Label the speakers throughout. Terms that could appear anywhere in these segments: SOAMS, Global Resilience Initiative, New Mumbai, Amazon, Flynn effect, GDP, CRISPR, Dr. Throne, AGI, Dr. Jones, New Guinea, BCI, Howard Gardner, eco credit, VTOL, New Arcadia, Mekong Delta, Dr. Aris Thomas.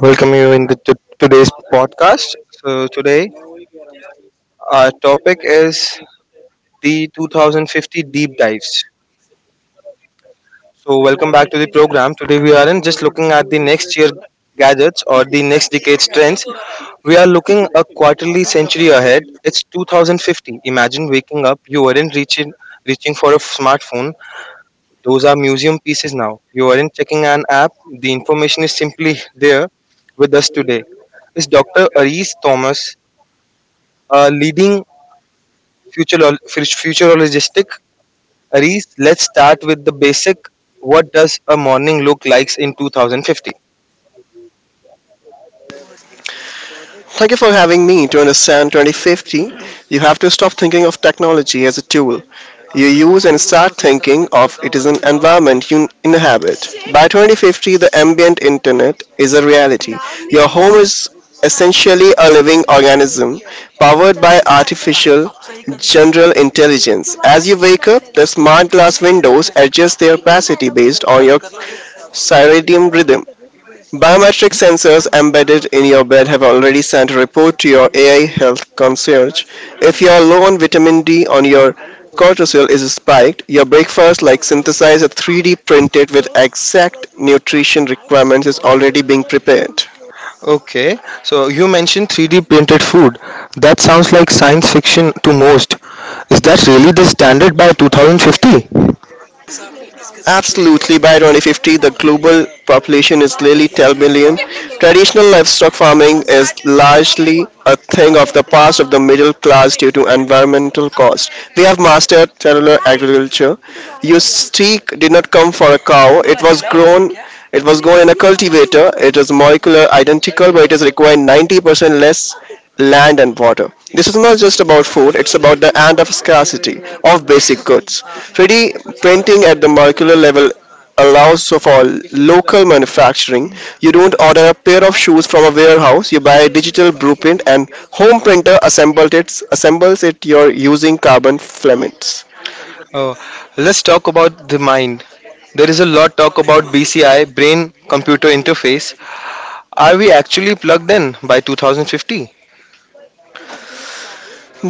Speaker 1: Welcome you in the today's podcast. So today our topic is the 2050 deep dives. So welcome back to the program. Today we aren't just looking at the next year gadgets or the next decade's trends. We are looking a quarterly century ahead. It's 2050. Imagine waking up, you weren't reaching for a smartphone. Those are museum pieces now. You aren't checking an app. The information is simply there with us today is Dr. Aris Thomas, leading futurologistic Reese, let's start with the basic. What does a morning look like in 2050?
Speaker 2: Thank you for having me. To understand 2050, you have to stop thinking of technology as a tool you use and start thinking of it as an environment you inhabit. By 2050, the ambient internet is a reality. Your home is essentially a living organism powered by artificial general intelligence. As you wake up, the smart glass windows adjust their opacity based on your circadian rhythm. Biometric sensors embedded in your bed have already sent a report to your AI health concierge. If you are low on vitamin D or your cortisol is spiked, your breakfast like synthesized 3D printed with exact nutrition requirements is already being prepared.
Speaker 1: Okay, so you mentioned 3D printed food. That sounds like science fiction to most. Is that really the standard by 2050?
Speaker 2: Absolutely, by 2050, the global population is nearly 10 billion. Traditional livestock farming is largely a thing of the past of the middle class due to environmental costs. We have mastered cellular agriculture. Your steak did not come for a cow, it was grown. It was grown in a cultivator. It is molecular identical, but it is required 90% less land and water. This is not just about food, it's about the end of scarcity of basic goods. 3D printing at the molecular level allows for local manufacturing. You don't order a pair of shoes from a warehouse, you buy a digital blueprint and home printer assembles it you're using carbon filaments.
Speaker 1: Oh, let's talk about the mind. There is a lot talk about BCI, brain computer interface. Are we actually plugged in by 2050?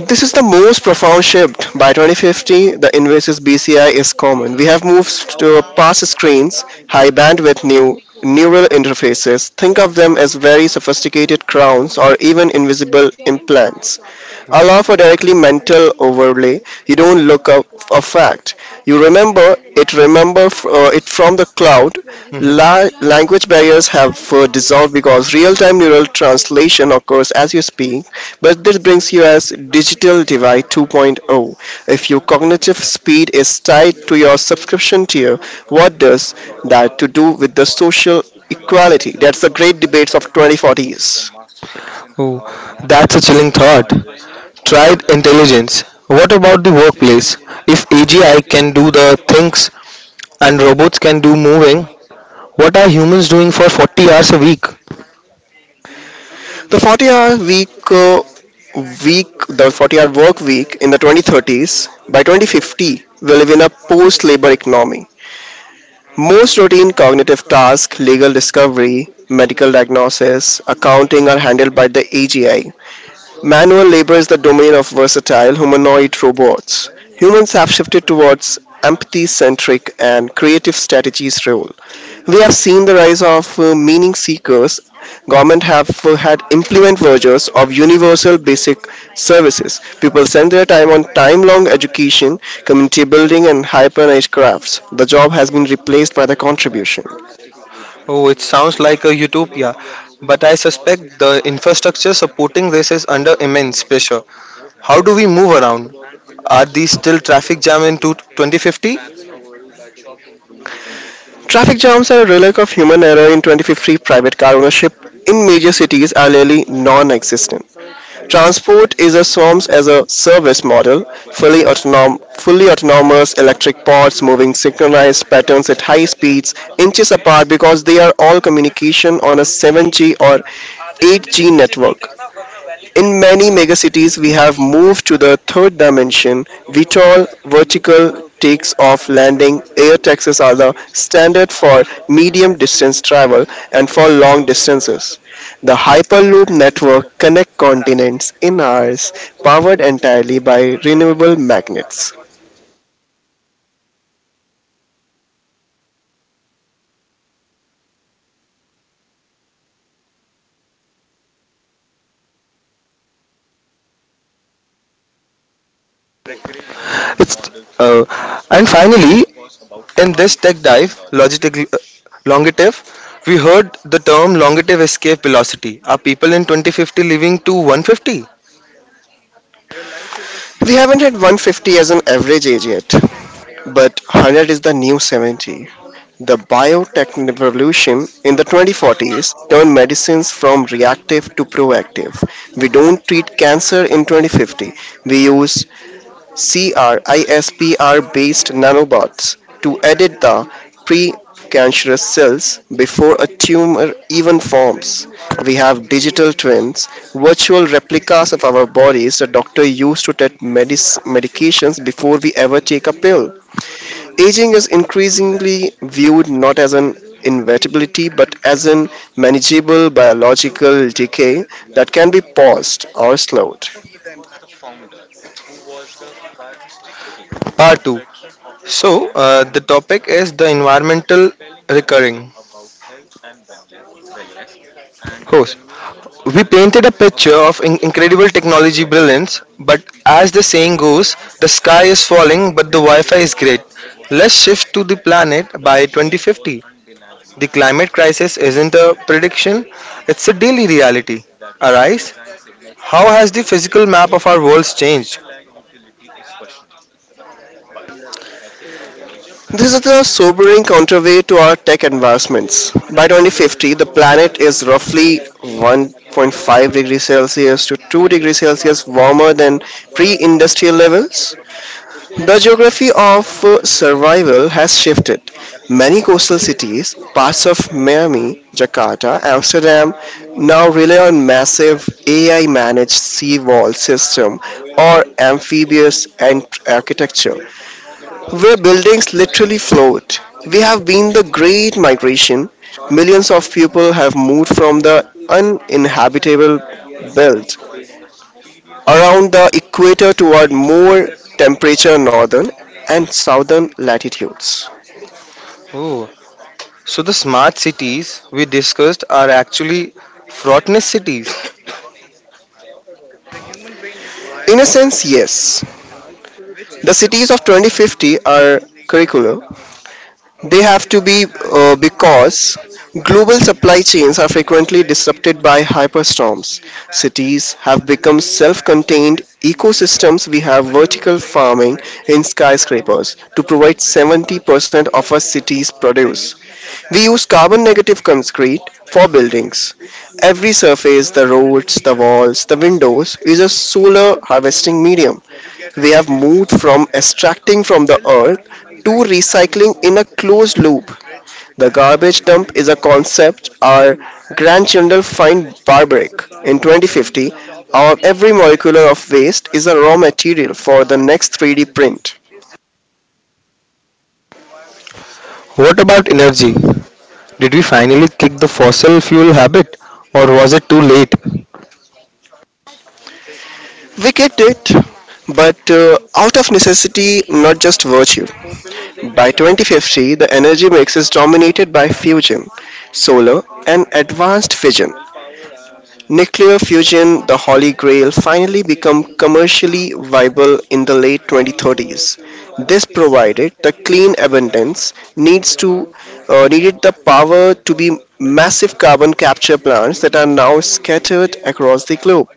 Speaker 2: This is the most profound shift. By 2050, the invasive BCI is common. We have moved to past screens, high bandwidth new neural interfaces. Think of them as very sophisticated crowns or even invisible implants allow for directly mental overlay. You don't look up a fact. You remember it. Remember it from the cloud.
Speaker 1: Hmm.
Speaker 2: Language barriers have dissolved because real-time neural translation occurs as you speak. But this brings you as digital divide 2.0. If your cognitive speed is tied to your subscription tier, what does that to do with the social equality? That's the great debates of 2040s.
Speaker 1: Oh, that's a chilling thought. Tried intelligence. What about the workplace? If AGI can do the things and robots can do moving, what are humans doing for 40 hours a week?
Speaker 2: The 40 hour week, uh, week, the 40-hour work week in the 2030s, by 2050, we live in a post labor economy. Most routine cognitive tasks, legal discovery, medical diagnosis, accounting are handled by the AGI. Manual labor is the domain of versatile humanoid robots. Humans have shifted towards empathy centric and creative strategies roles. We have seen the rise of meaning seekers. Government have had implement versions of universal basic services. People spend their time on time-long education, community building, and hyper-niche crafts. The job has been replaced by the contribution.
Speaker 1: Oh, it sounds like a utopia, but I suspect the infrastructure supporting this is under immense pressure. How do we move around? Are these still traffic jam into 2050?
Speaker 2: Traffic jams are a relic of human error in 2053. Private car ownership in major cities are nearly non-existent. Transport is a SOAMS as a service model, fully autonomous electric pods moving synchronized patterns at high speeds, inches apart because they are all communication on a 7G or 8G network. In many megacities, we have moved to the third dimension. VTOL vertical takes off landing air taxis are the standard for medium distance travel and for long distances. The Hyperloop network connects continents in hours, powered entirely by renewable magnets.
Speaker 1: It's uh, and finally, in this tech dive, Longitive, we heard the term Longitive escape velocity. Are people in 2050 living to 150?
Speaker 2: We haven't hit 150 as an average age yet. But 100 is the new 70. The biotech revolution in the 2040s turned medicines from reactive to proactive. We don't treat cancer in 2050. We use CRISPR based nanobots to edit the precancerous cells before a tumor even forms. We have digital twins, virtual replicas of our bodies the doctor used to test medications before we ever take a pill. Aging is increasingly viewed not as an inevitability but as an manageable biological decay that can be paused or slowed.
Speaker 1: Part 2. So, the topic is the environmental recurring. Host. We painted a picture of incredible technology brilliance, but as the saying goes, the sky is falling, but the Wi Fi is great. Let's shift to the planet by 2050. The climate crisis isn't a prediction, it's a daily reality. Arise, how has the physical map of our worlds changed?
Speaker 2: This is the sobering counterweight to our tech advancements. By 2050, the planet is roughly 1.5 degrees Celsius to 2 degrees Celsius warmer than pre industrial levels. The geography of survival has shifted. Many coastal cities, parts of Miami, Jakarta, Amsterdam, now rely on massive AI managed sea wall system or amphibious architecture where buildings literally float. We have been the great migration. Millions of people have moved from the uninhabitable belt around the equator toward more temperature northern and southern latitudes.
Speaker 1: Oh, so the smart cities we discussed are actually fraughtness cities.
Speaker 2: In a sense, yes. The cities of 2050 are curricular. They have to be because global supply chains are frequently disrupted by hyperstorms. Cities have become self contained ecosystems. We have vertical farming in skyscrapers to provide 70% of a city's produce. We use carbon negative concrete for buildings. Every surface, the roads, the walls, the windows, is a solar harvesting medium. We have moved from extracting from the earth to recycling in a closed loop. The garbage dump is a concept our grandchildren find barbaric. In 2050, our every molecular of waste is a raw material for the next 3D print.
Speaker 1: What about energy? Did we finally kick the fossil fuel habit or was it too late?
Speaker 2: We get it, but out of necessity, not just virtue. By 2050, the energy mix is dominated by fusion, solar, and advanced fission. Nuclear fusion, the holy grail, finally become commercially viable in the late 2030s. This provided the clean abundance needs to needed the power to be massive carbon capture plants that are now scattered across the globe.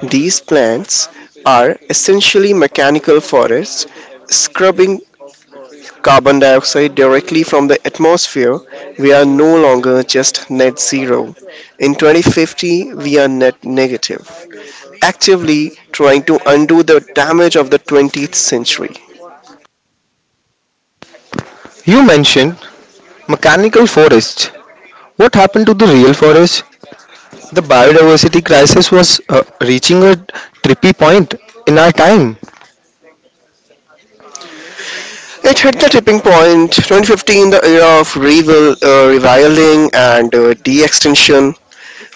Speaker 2: These plants are essentially mechanical forests, scrubbing carbon dioxide directly from the atmosphere, we are no longer just net zero. In 2050, we are net negative, actively trying to undo the damage of the 20th century.
Speaker 1: You mentioned mechanical forests. What happened to the real forest? The biodiversity crisis was reaching a trippy point in our time.
Speaker 2: It hit the tipping point 2015, the era of reviling and de extinction.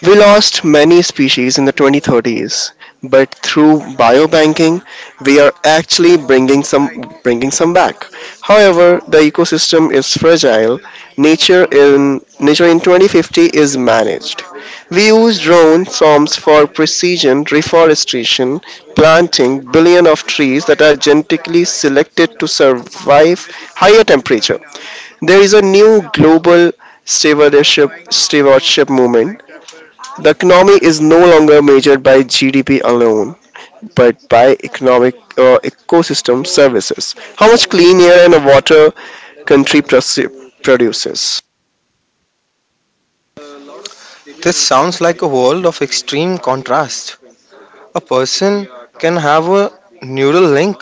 Speaker 2: We lost many species in the 2030s, but through biobanking, we are actually bringing some back. However, the ecosystem is fragile. Nature in Nature in 2050 is managed. We use drone swarms for precision reforestation, planting billion of trees that are genetically selected to survive higher temperature. There is a new global stewardship stewardship movement. The economy is no longer measured by GDP alone, but by economic ecosystem services. How much clean air and water country produces.
Speaker 1: This sounds like a world of extreme contrast. A person can have a neural link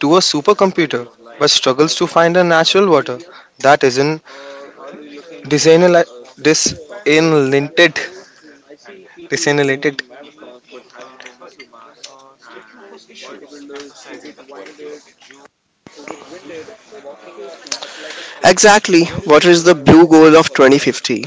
Speaker 1: to a supercomputer but struggles to find a natural water that isn't desalina- desalinated. desalinated.
Speaker 2: Exactly, what is the blue goal of 2050?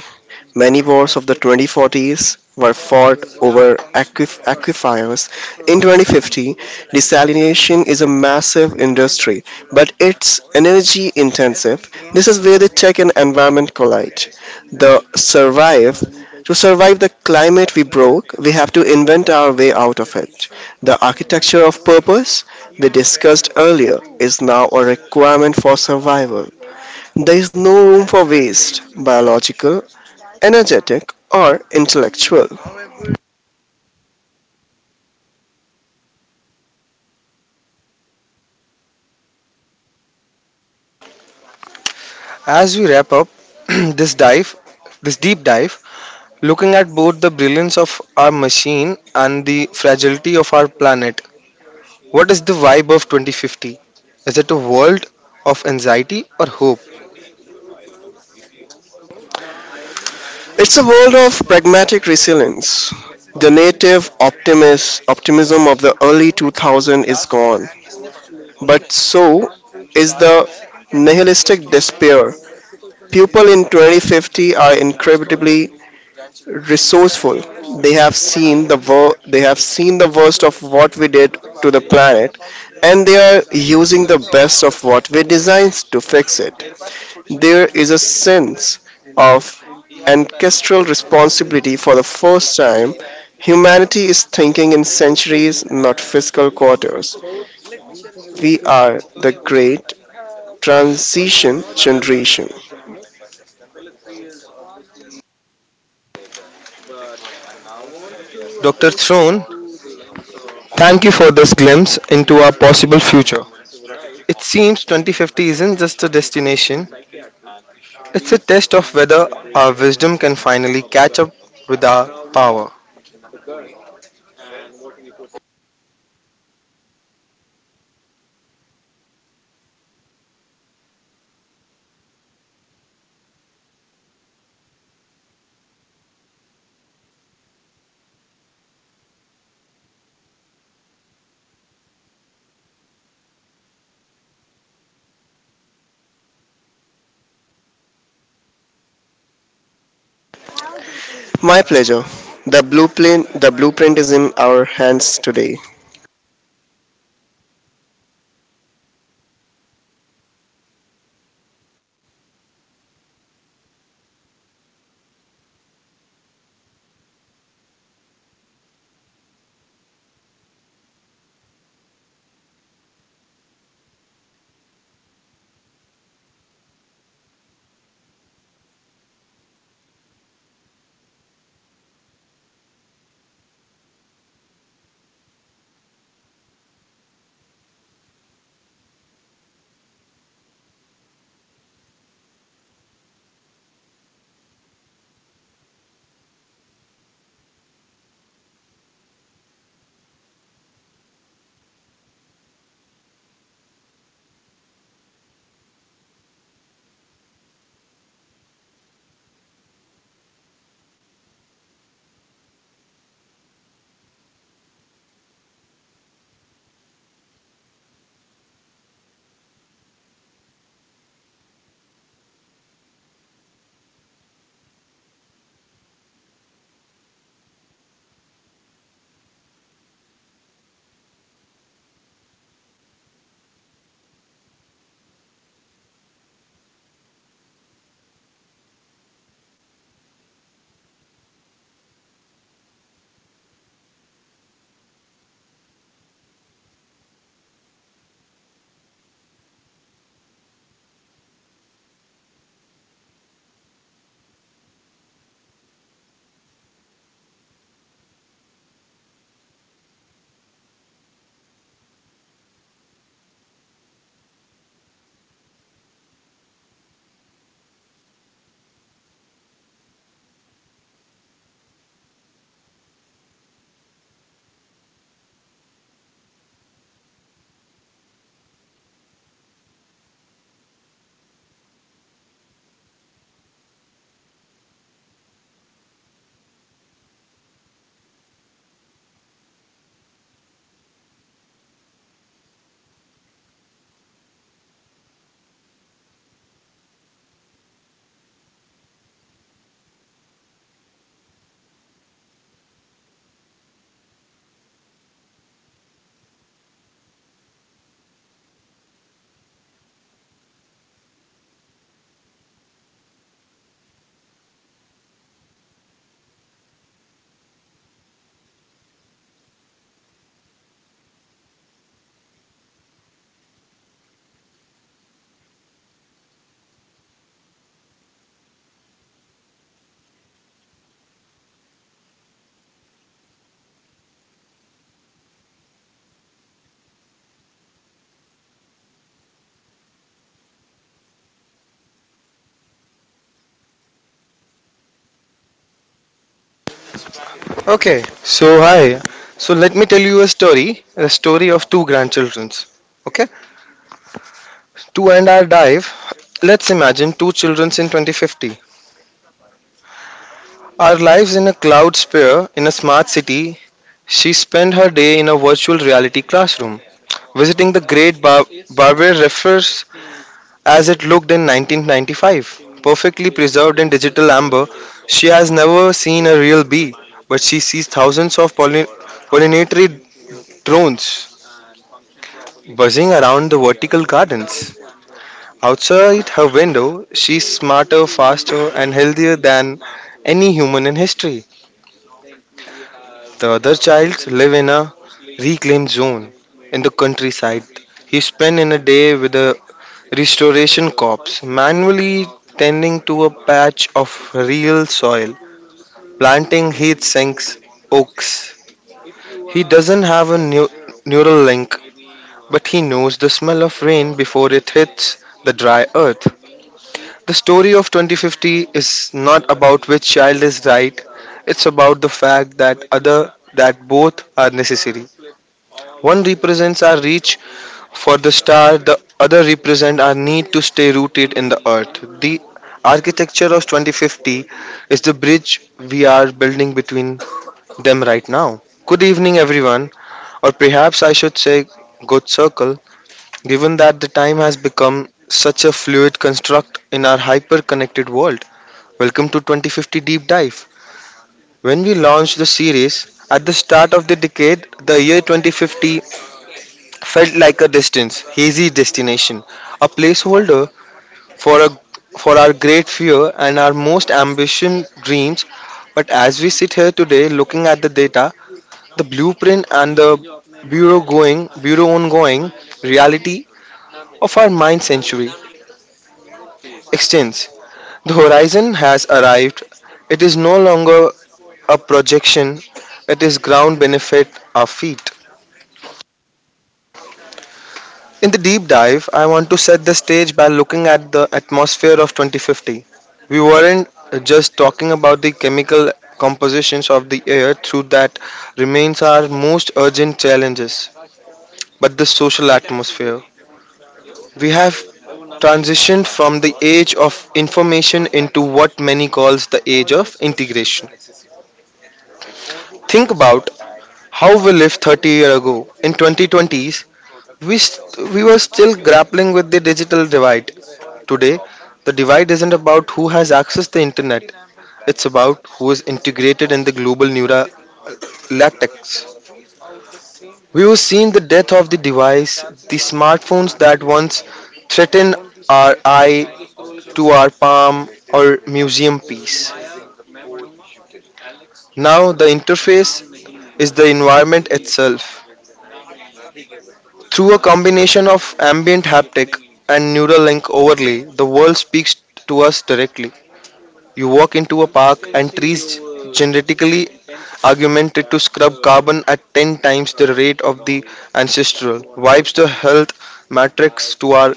Speaker 2: Many wars of the 2040s were fought over aquifers. In 2050, desalination is a massive industry, but it's energy intensive. This is where the tech and environment collide. The survive to survive the climate we broke, we have to invent our way out of it. The architecture of purpose we discussed earlier is now a requirement for survival. There is no room for waste, biological energetic, or intellectual.
Speaker 1: As we wrap up this dive, this deep dive, looking at both the brilliance of our machine and the fragility of our planet, what is the vibe of 2050? Is it a world of anxiety or hope?
Speaker 2: It's a world of pragmatic resilience. The native optimism of the early 2000s is gone, but so is the nihilistic despair. People in 2050 are incredibly resourceful. They have seen the worst of what we did to the planet and they are using the best of what we designed to fix it. There is a sense of ancestral responsibility for the first time. Humanity is thinking in centuries, not fiscal quarters. We are the great transition generation.
Speaker 1: Dr. Throne, thank you for this glimpse into our possible future. It seems 2050 isn't just a destination, it's a test of whether our wisdom can finally catch up with our power.
Speaker 2: My pleasure. The blueprint is in our hands today.
Speaker 1: Okay, so hi. So let me tell you a story of two grandchildrens. Okay, to end our dive, let's imagine two childrens in 2050. Our lives in a cloud sphere in a smart city. She spent her day in a virtual reality classroom, visiting the great barber refers as it looked in 1995. Perfectly preserved in digital amber, she has never seen a real bee, but she sees thousands of pollinatory drones buzzing around the vertical gardens. Outside her window, she's smarter, faster, and healthier than any human in history. The other child live in a reclaimed zone in the countryside. He spent in a day with a Restoration Corps manually tending to a patch of real soil, planting heat sinks, oaks. He doesn't have a neural link, but he knows the smell of rain before it hits the dry earth. The story of 2050 is not about which child is right, it's about the fact that other that both are necessary. One represents our reach for the star, the other represent our need to stay rooted in the earth. The architecture of 2050 is the bridge we are building between them right now. Good evening, everyone, or perhaps I should say good circle, given that the time has become such a fluid construct in our hyper connected world. Welcome to 2050 Deep Dive. When we launched the series at the start of the decade, the year 2050 felt like a distance, hazy destination, a placeholder for a for our great fear and our most ambition dreams. But as we sit here today, looking at the data, the blueprint and the bureau ongoing reality of our mind century extends. The horizon has arrived. It is no longer a projection. It is ground beneath our feet. In the deep dive, I want to set the stage by looking at the atmosphere of 2050. We weren't just talking about the chemical compositions of the air, through that remains our most urgent challenges, but the social atmosphere. We have transitioned from the age of information into what many calls the age of integration. Think about how we lived 30 years ago. In 2020s, we were still grappling with the digital divide. Today, the divide isn't about who has access to the internet, it's about who is integrated in the global neural latex. We have seen the death of the device, the smartphones that once threatened our eye to our palm or museum piece. Now, the interface is the environment itself. Through a combination of ambient haptic and neural link overlay, the world speaks to us directly. You walk into a park and trees genetically augmented to scrub carbon at 10 times the rate of the ancestral, wipes the health matrix to our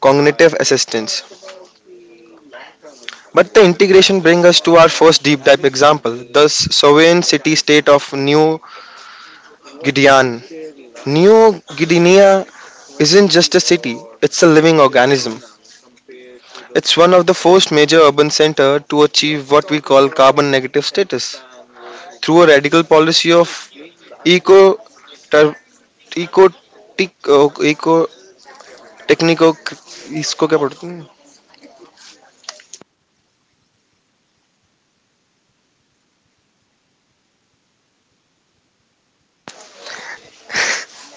Speaker 1: cognitive assistance. But the integration brings us to our first deep dive example, the sovereign city state of New Guinea. New Guinea isn't just a city, it's a living organism. It's one of the first major urban centers to achieve what we call carbon negative status through a radical policy of eco टर- eco टिक eco टेक्निको इसको क्या बोलते हैं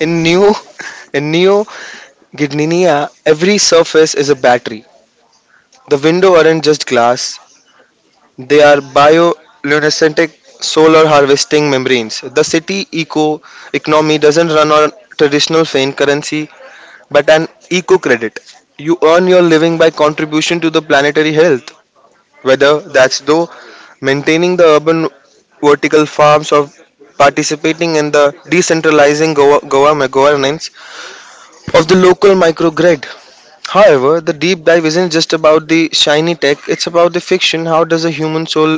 Speaker 1: in new गिडनिया every surface is a battery. The window aren't just glass, they are bioluminescent solar harvesting membranes. The city economy doesn't run on traditional faint currency, but an eco credit. You earn your living by contribution to the planetary health, whether that's though maintaining the urban vertical farms or participating in the decentralizing governance of the local microgrid. However, the deep dive isn't just about the shiny tech, it's about the fiction. How does a human soul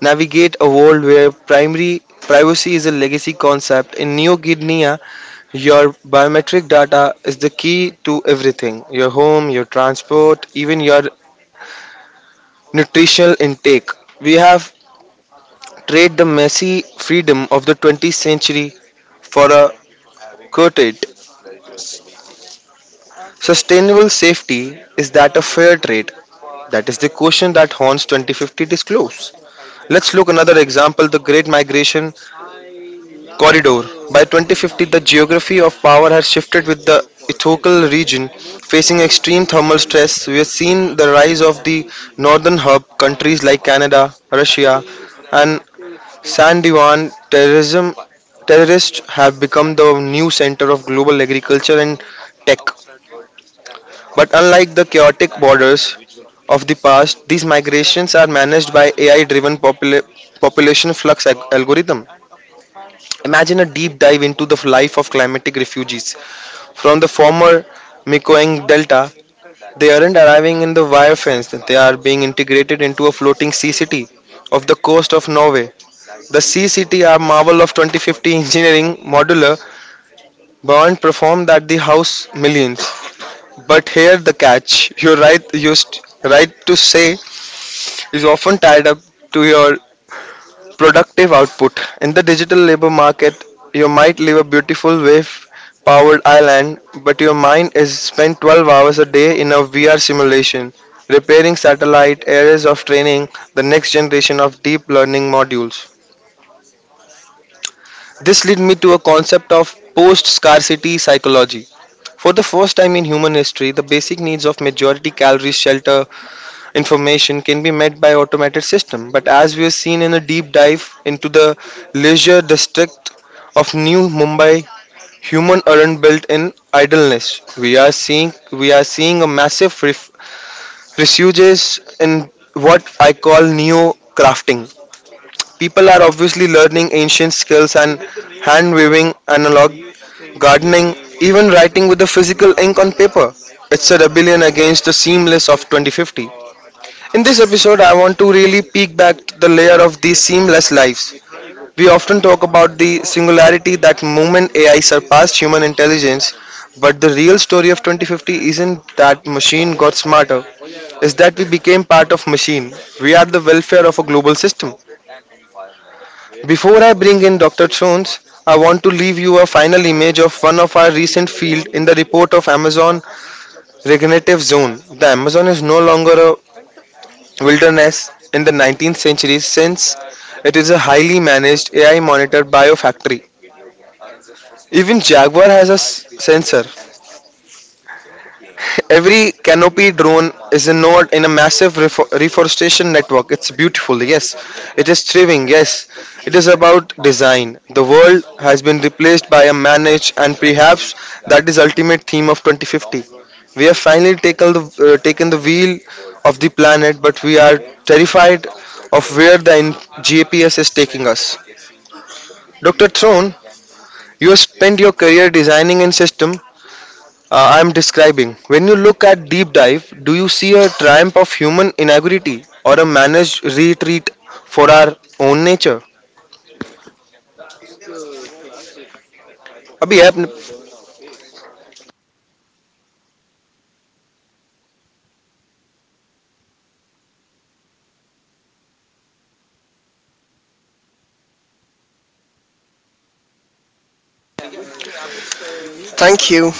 Speaker 1: navigate a world where primary privacy is a legacy concept? In Neo Guinea, your biometric data is the key to everything, your home, your transport, even your nutritional intake. We have trade the messy freedom of the 20th century for a quoted sustainable safety. Is that a fair trade? That is the question that haunts 2050 disclose. Let's look another example, the great migration corridor. By 2050 the geography of power has shifted with the ethical region facing extreme thermal stress. We have seen the rise of the northern hub countries like Canada, Russia, and San Diwan, terrorism, terrorists have become the new center of global agriculture and tech. But unlike the chaotic borders of the past, these migrations are managed by AI driven population flux algorithm. Imagine a deep dive into the life of climatic refugees from the former Mekong Delta. They aren't arriving in the wire fence, they are being integrated into a floating sea city off the coast of Norway. The CCTR Marvel of 2050 Engineering Modular Bond performed at the House Millions. But here the catch. Your right to say is often tied up to your productive output. In the digital labor market, you might live a beautiful wave powered island, but your mind is spent 12 hours a day in a VR simulation, repairing satellite arrays of training the next generation of deep learning modules. This led me to a concept of post scarcity psychology. For the first time in human history, the basic needs of majority calories, shelter, information can be met by automated system. But as we have seen in a deep dive into the leisure district of New Mumbai, human aren't built in idleness. We are seeing a massive resurgence in what I call neo crafting. People are obviously learning ancient skills and hand weaving, analog gardening, even writing with the physical ink on paper. It's a rebellion against the seamless of 2050. In this episode, I want to really peek back the layer of these seamless lives. We often talk about the singularity that moment AI surpassed human intelligence, but the real story of 2050 isn't that machine got smarter, is that we became part of machine. We are the welfare of a global system. Before I bring in Dr. Jones, I want to leave you a final image of one of our recent field in the report of Amazon regenerative zone. The Amazon is no longer a wilderness in the 19th century since it is a highly managed AI monitored biofactory. Even Jaguar has a sensor. Every canopy drone is involved in a massive reforestation network. It's beautiful, yes. It is thriving, yes. It is about design. The world has been replaced by a manage, and perhaps that is ultimate theme of 2050. We have finally taken the wheel of the planet, but we are terrified of where the GPS is taking us. Dr. Throne, you have spent your career designing in system I'm describing. When you look at Deep Dive, do you see a triumph of human inaugurity or a managed retreat for our own nature? Abhi,
Speaker 2: Thank you.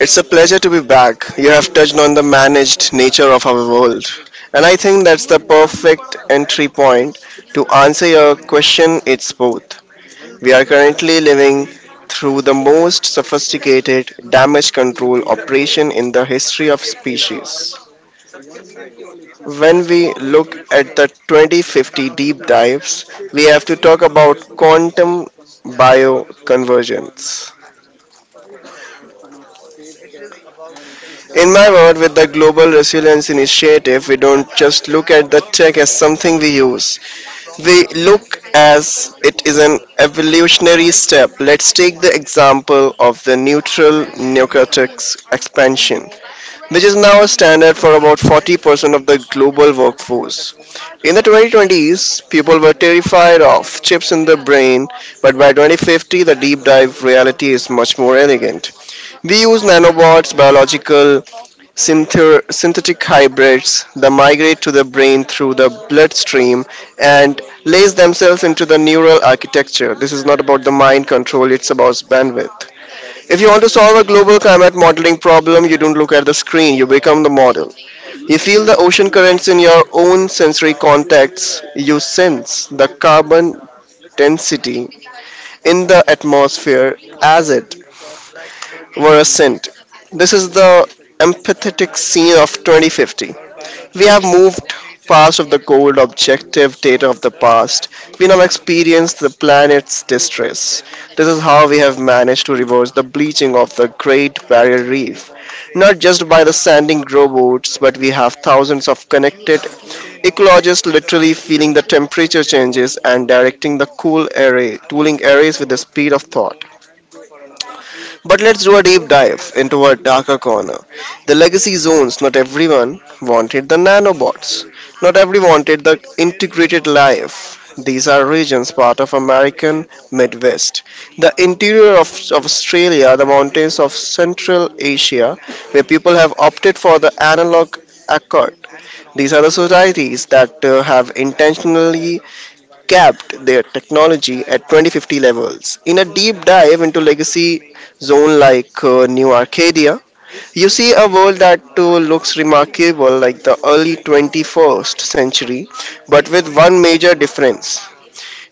Speaker 2: It's a pleasure to be back. You have touched on the managed nature of our world. And I think that's the perfect entry point to answer your question. It's both. We are currently living through the most sophisticated damage control operation in the history of species. When we look at the 2050 deep dives, we have to talk about quantum bioconvergence. In my word, with the Global Resilience Initiative, we don't just look at the tech as something we use, we look as it is an evolutionary step. Let's take the example of the neutral neocortex expansion, which is now a standard for about 40% of the global workforce. In the 2020s, people were terrified of chips in the brain, but by 2050, the deep dive reality is much more elegant. We use nanobots, biological synthetic hybrids that migrate to the brain through the bloodstream and lace themselves into the neural architecture. This is not about the mind control, it's about bandwidth. If you want to solve a global climate modeling problem, you don't look at the screen, you become the model. You feel the ocean currents in your own sensory contacts, you sense the carbon density in the atmosphere as it were a scent. This is the empathetic scene of 2050. We have moved past of the cold objective data of the past. We now experience the planet's distress. This is how we have managed to reverse the bleaching of the Great Barrier Reef. Not just by the sanding robots, but we have thousands of connected ecologists literally feeling the temperature changes and directing the cooling arrays with the speed of thought. But let's do a deep dive into a darker corner. The legacy zones, not everyone wanted the nanobots. Not everyone wanted the integrated life. These are regions part of American Midwest. The interior of Australia, the mountains of Central Asia, where people have opted for the analog accord. These are the societies that have intentionally capped their technology at 2050 levels. In a deep dive into legacy zone like New Arcadia, you see a world that looks remarkable like the early 21st century, but with one major difference.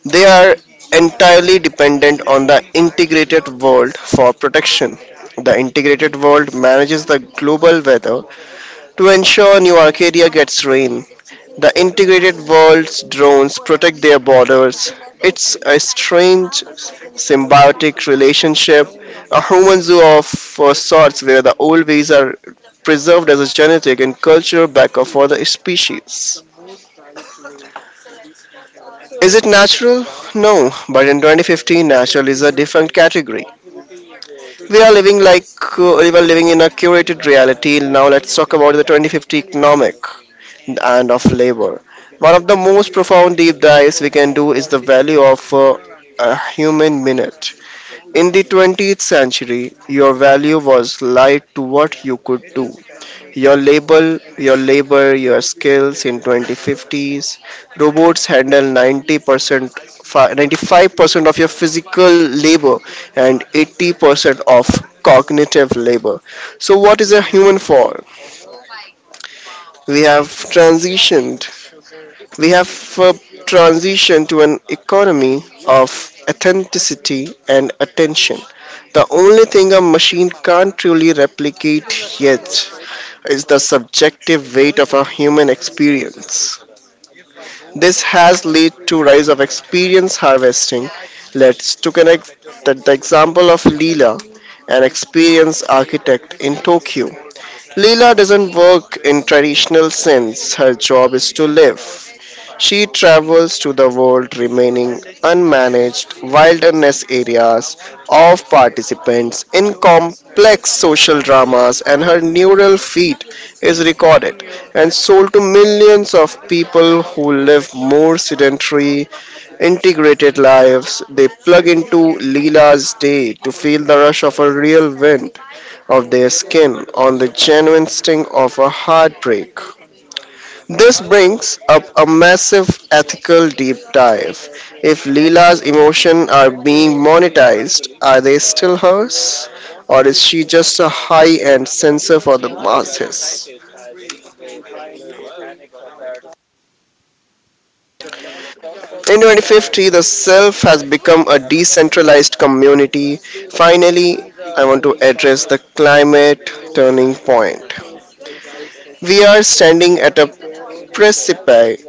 Speaker 2: They are entirely dependent on the integrated world for protection. The integrated world manages the global weather to ensure New Arcadia gets rain, the integrated world's drones protect their borders. It's a strange symbiotic relationship, a human zoo of sorts where the old ways are preserved as a genetic and cultural backup for the species. Is it natural? No, but in 2015, natural is a different category. We are living we are living in a curated reality. Now let's talk about the 2050 economic. And of labor. One of the most profound deep dives we can do is the value of a human minute. In the 20th century, your value was lied to what you could do. Your label, your labor, your skills in 2050s, robots handle 90%, 95% of your physical labor and 80% of cognitive labor. So what is a human for? We have transitioned We have uh, transitioned to an economy of authenticity and attention. The only thing a machine can't truly replicate yet is the subjective weight of a human experience. This has led to rise of experience harvesting. Let's to connect the example of Leela, an experienced architect in Tokyo. Leela doesn't work in traditional sense. Her job is to live. She travels to the world remaining unmanaged wilderness areas of participants in complex social dramas and her neural feed is recorded and sold to millions of people who live more sedentary, integrated lives. They plug into Leela's day to feel the rush of a real wind of their skin on the genuine sting of a heartbreak. This brings up a massive ethical deep dive. If Leela's emotions are being monetized, are they still hers? Or is she just a high end censor for the masses? In 2050, the self has become a decentralized community. Finally, I want to address the climate turning point. We are standing at a precipice.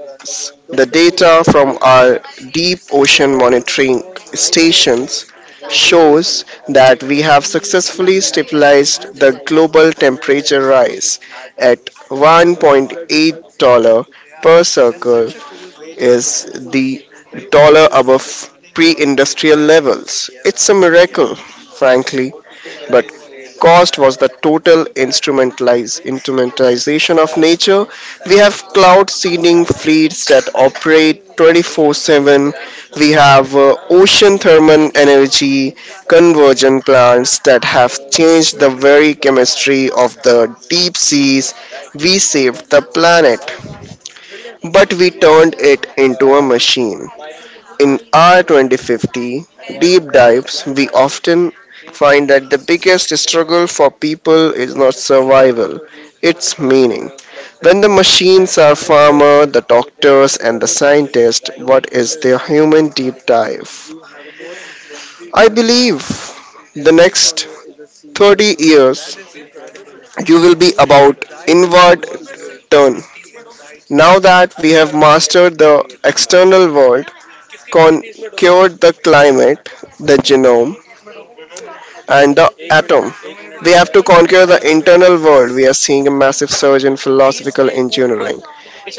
Speaker 2: The data from our deep ocean monitoring stations shows that we have successfully stabilized the global temperature rise at 1.8 dollar per circle is the dollar above pre-industrial levels. It's a miracle, frankly, but cost was the total instrumentalization of nature. We have cloud seeding fleets that operate 24/7. We have ocean thermal energy conversion plants that have changed the very chemistry of the deep seas. We saved the planet, but we turned it into a machine. In our 2050 deep dives, we often find that the biggest struggle for people is not survival, it's meaning. When the machines are farmer, the doctors and the scientists, what is their human deep dive? I believe the next 30 years you will be about inward turn. Now that we have mastered the external world, con- cured the climate, the genome, and the atom. We have to conquer the internal world. We are seeing a massive surge in philosophical engineering.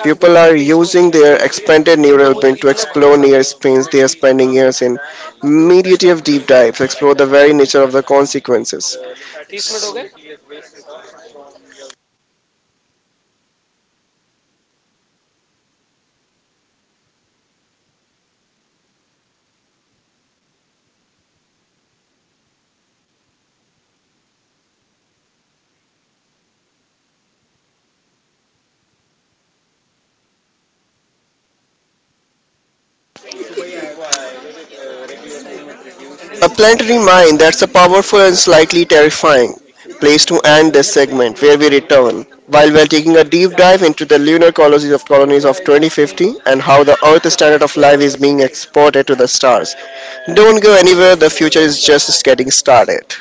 Speaker 2: People are using their expanded neural brain to explore near space. They are spending years in meditative deep dives, explore the very nature of the consequences. A planetary mind that's a powerful and slightly terrifying place to end this segment where we return while we are taking a deep dive into the lunar colonies of 2050 and how the earth standard of life is being exported to the stars. Don't go anywhere, the future is just getting started.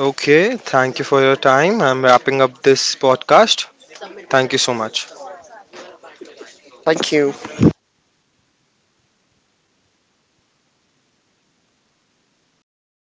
Speaker 1: okay, thank you for your time. I'm wrapping up this podcast. Thank you so much.
Speaker 2: Thank you.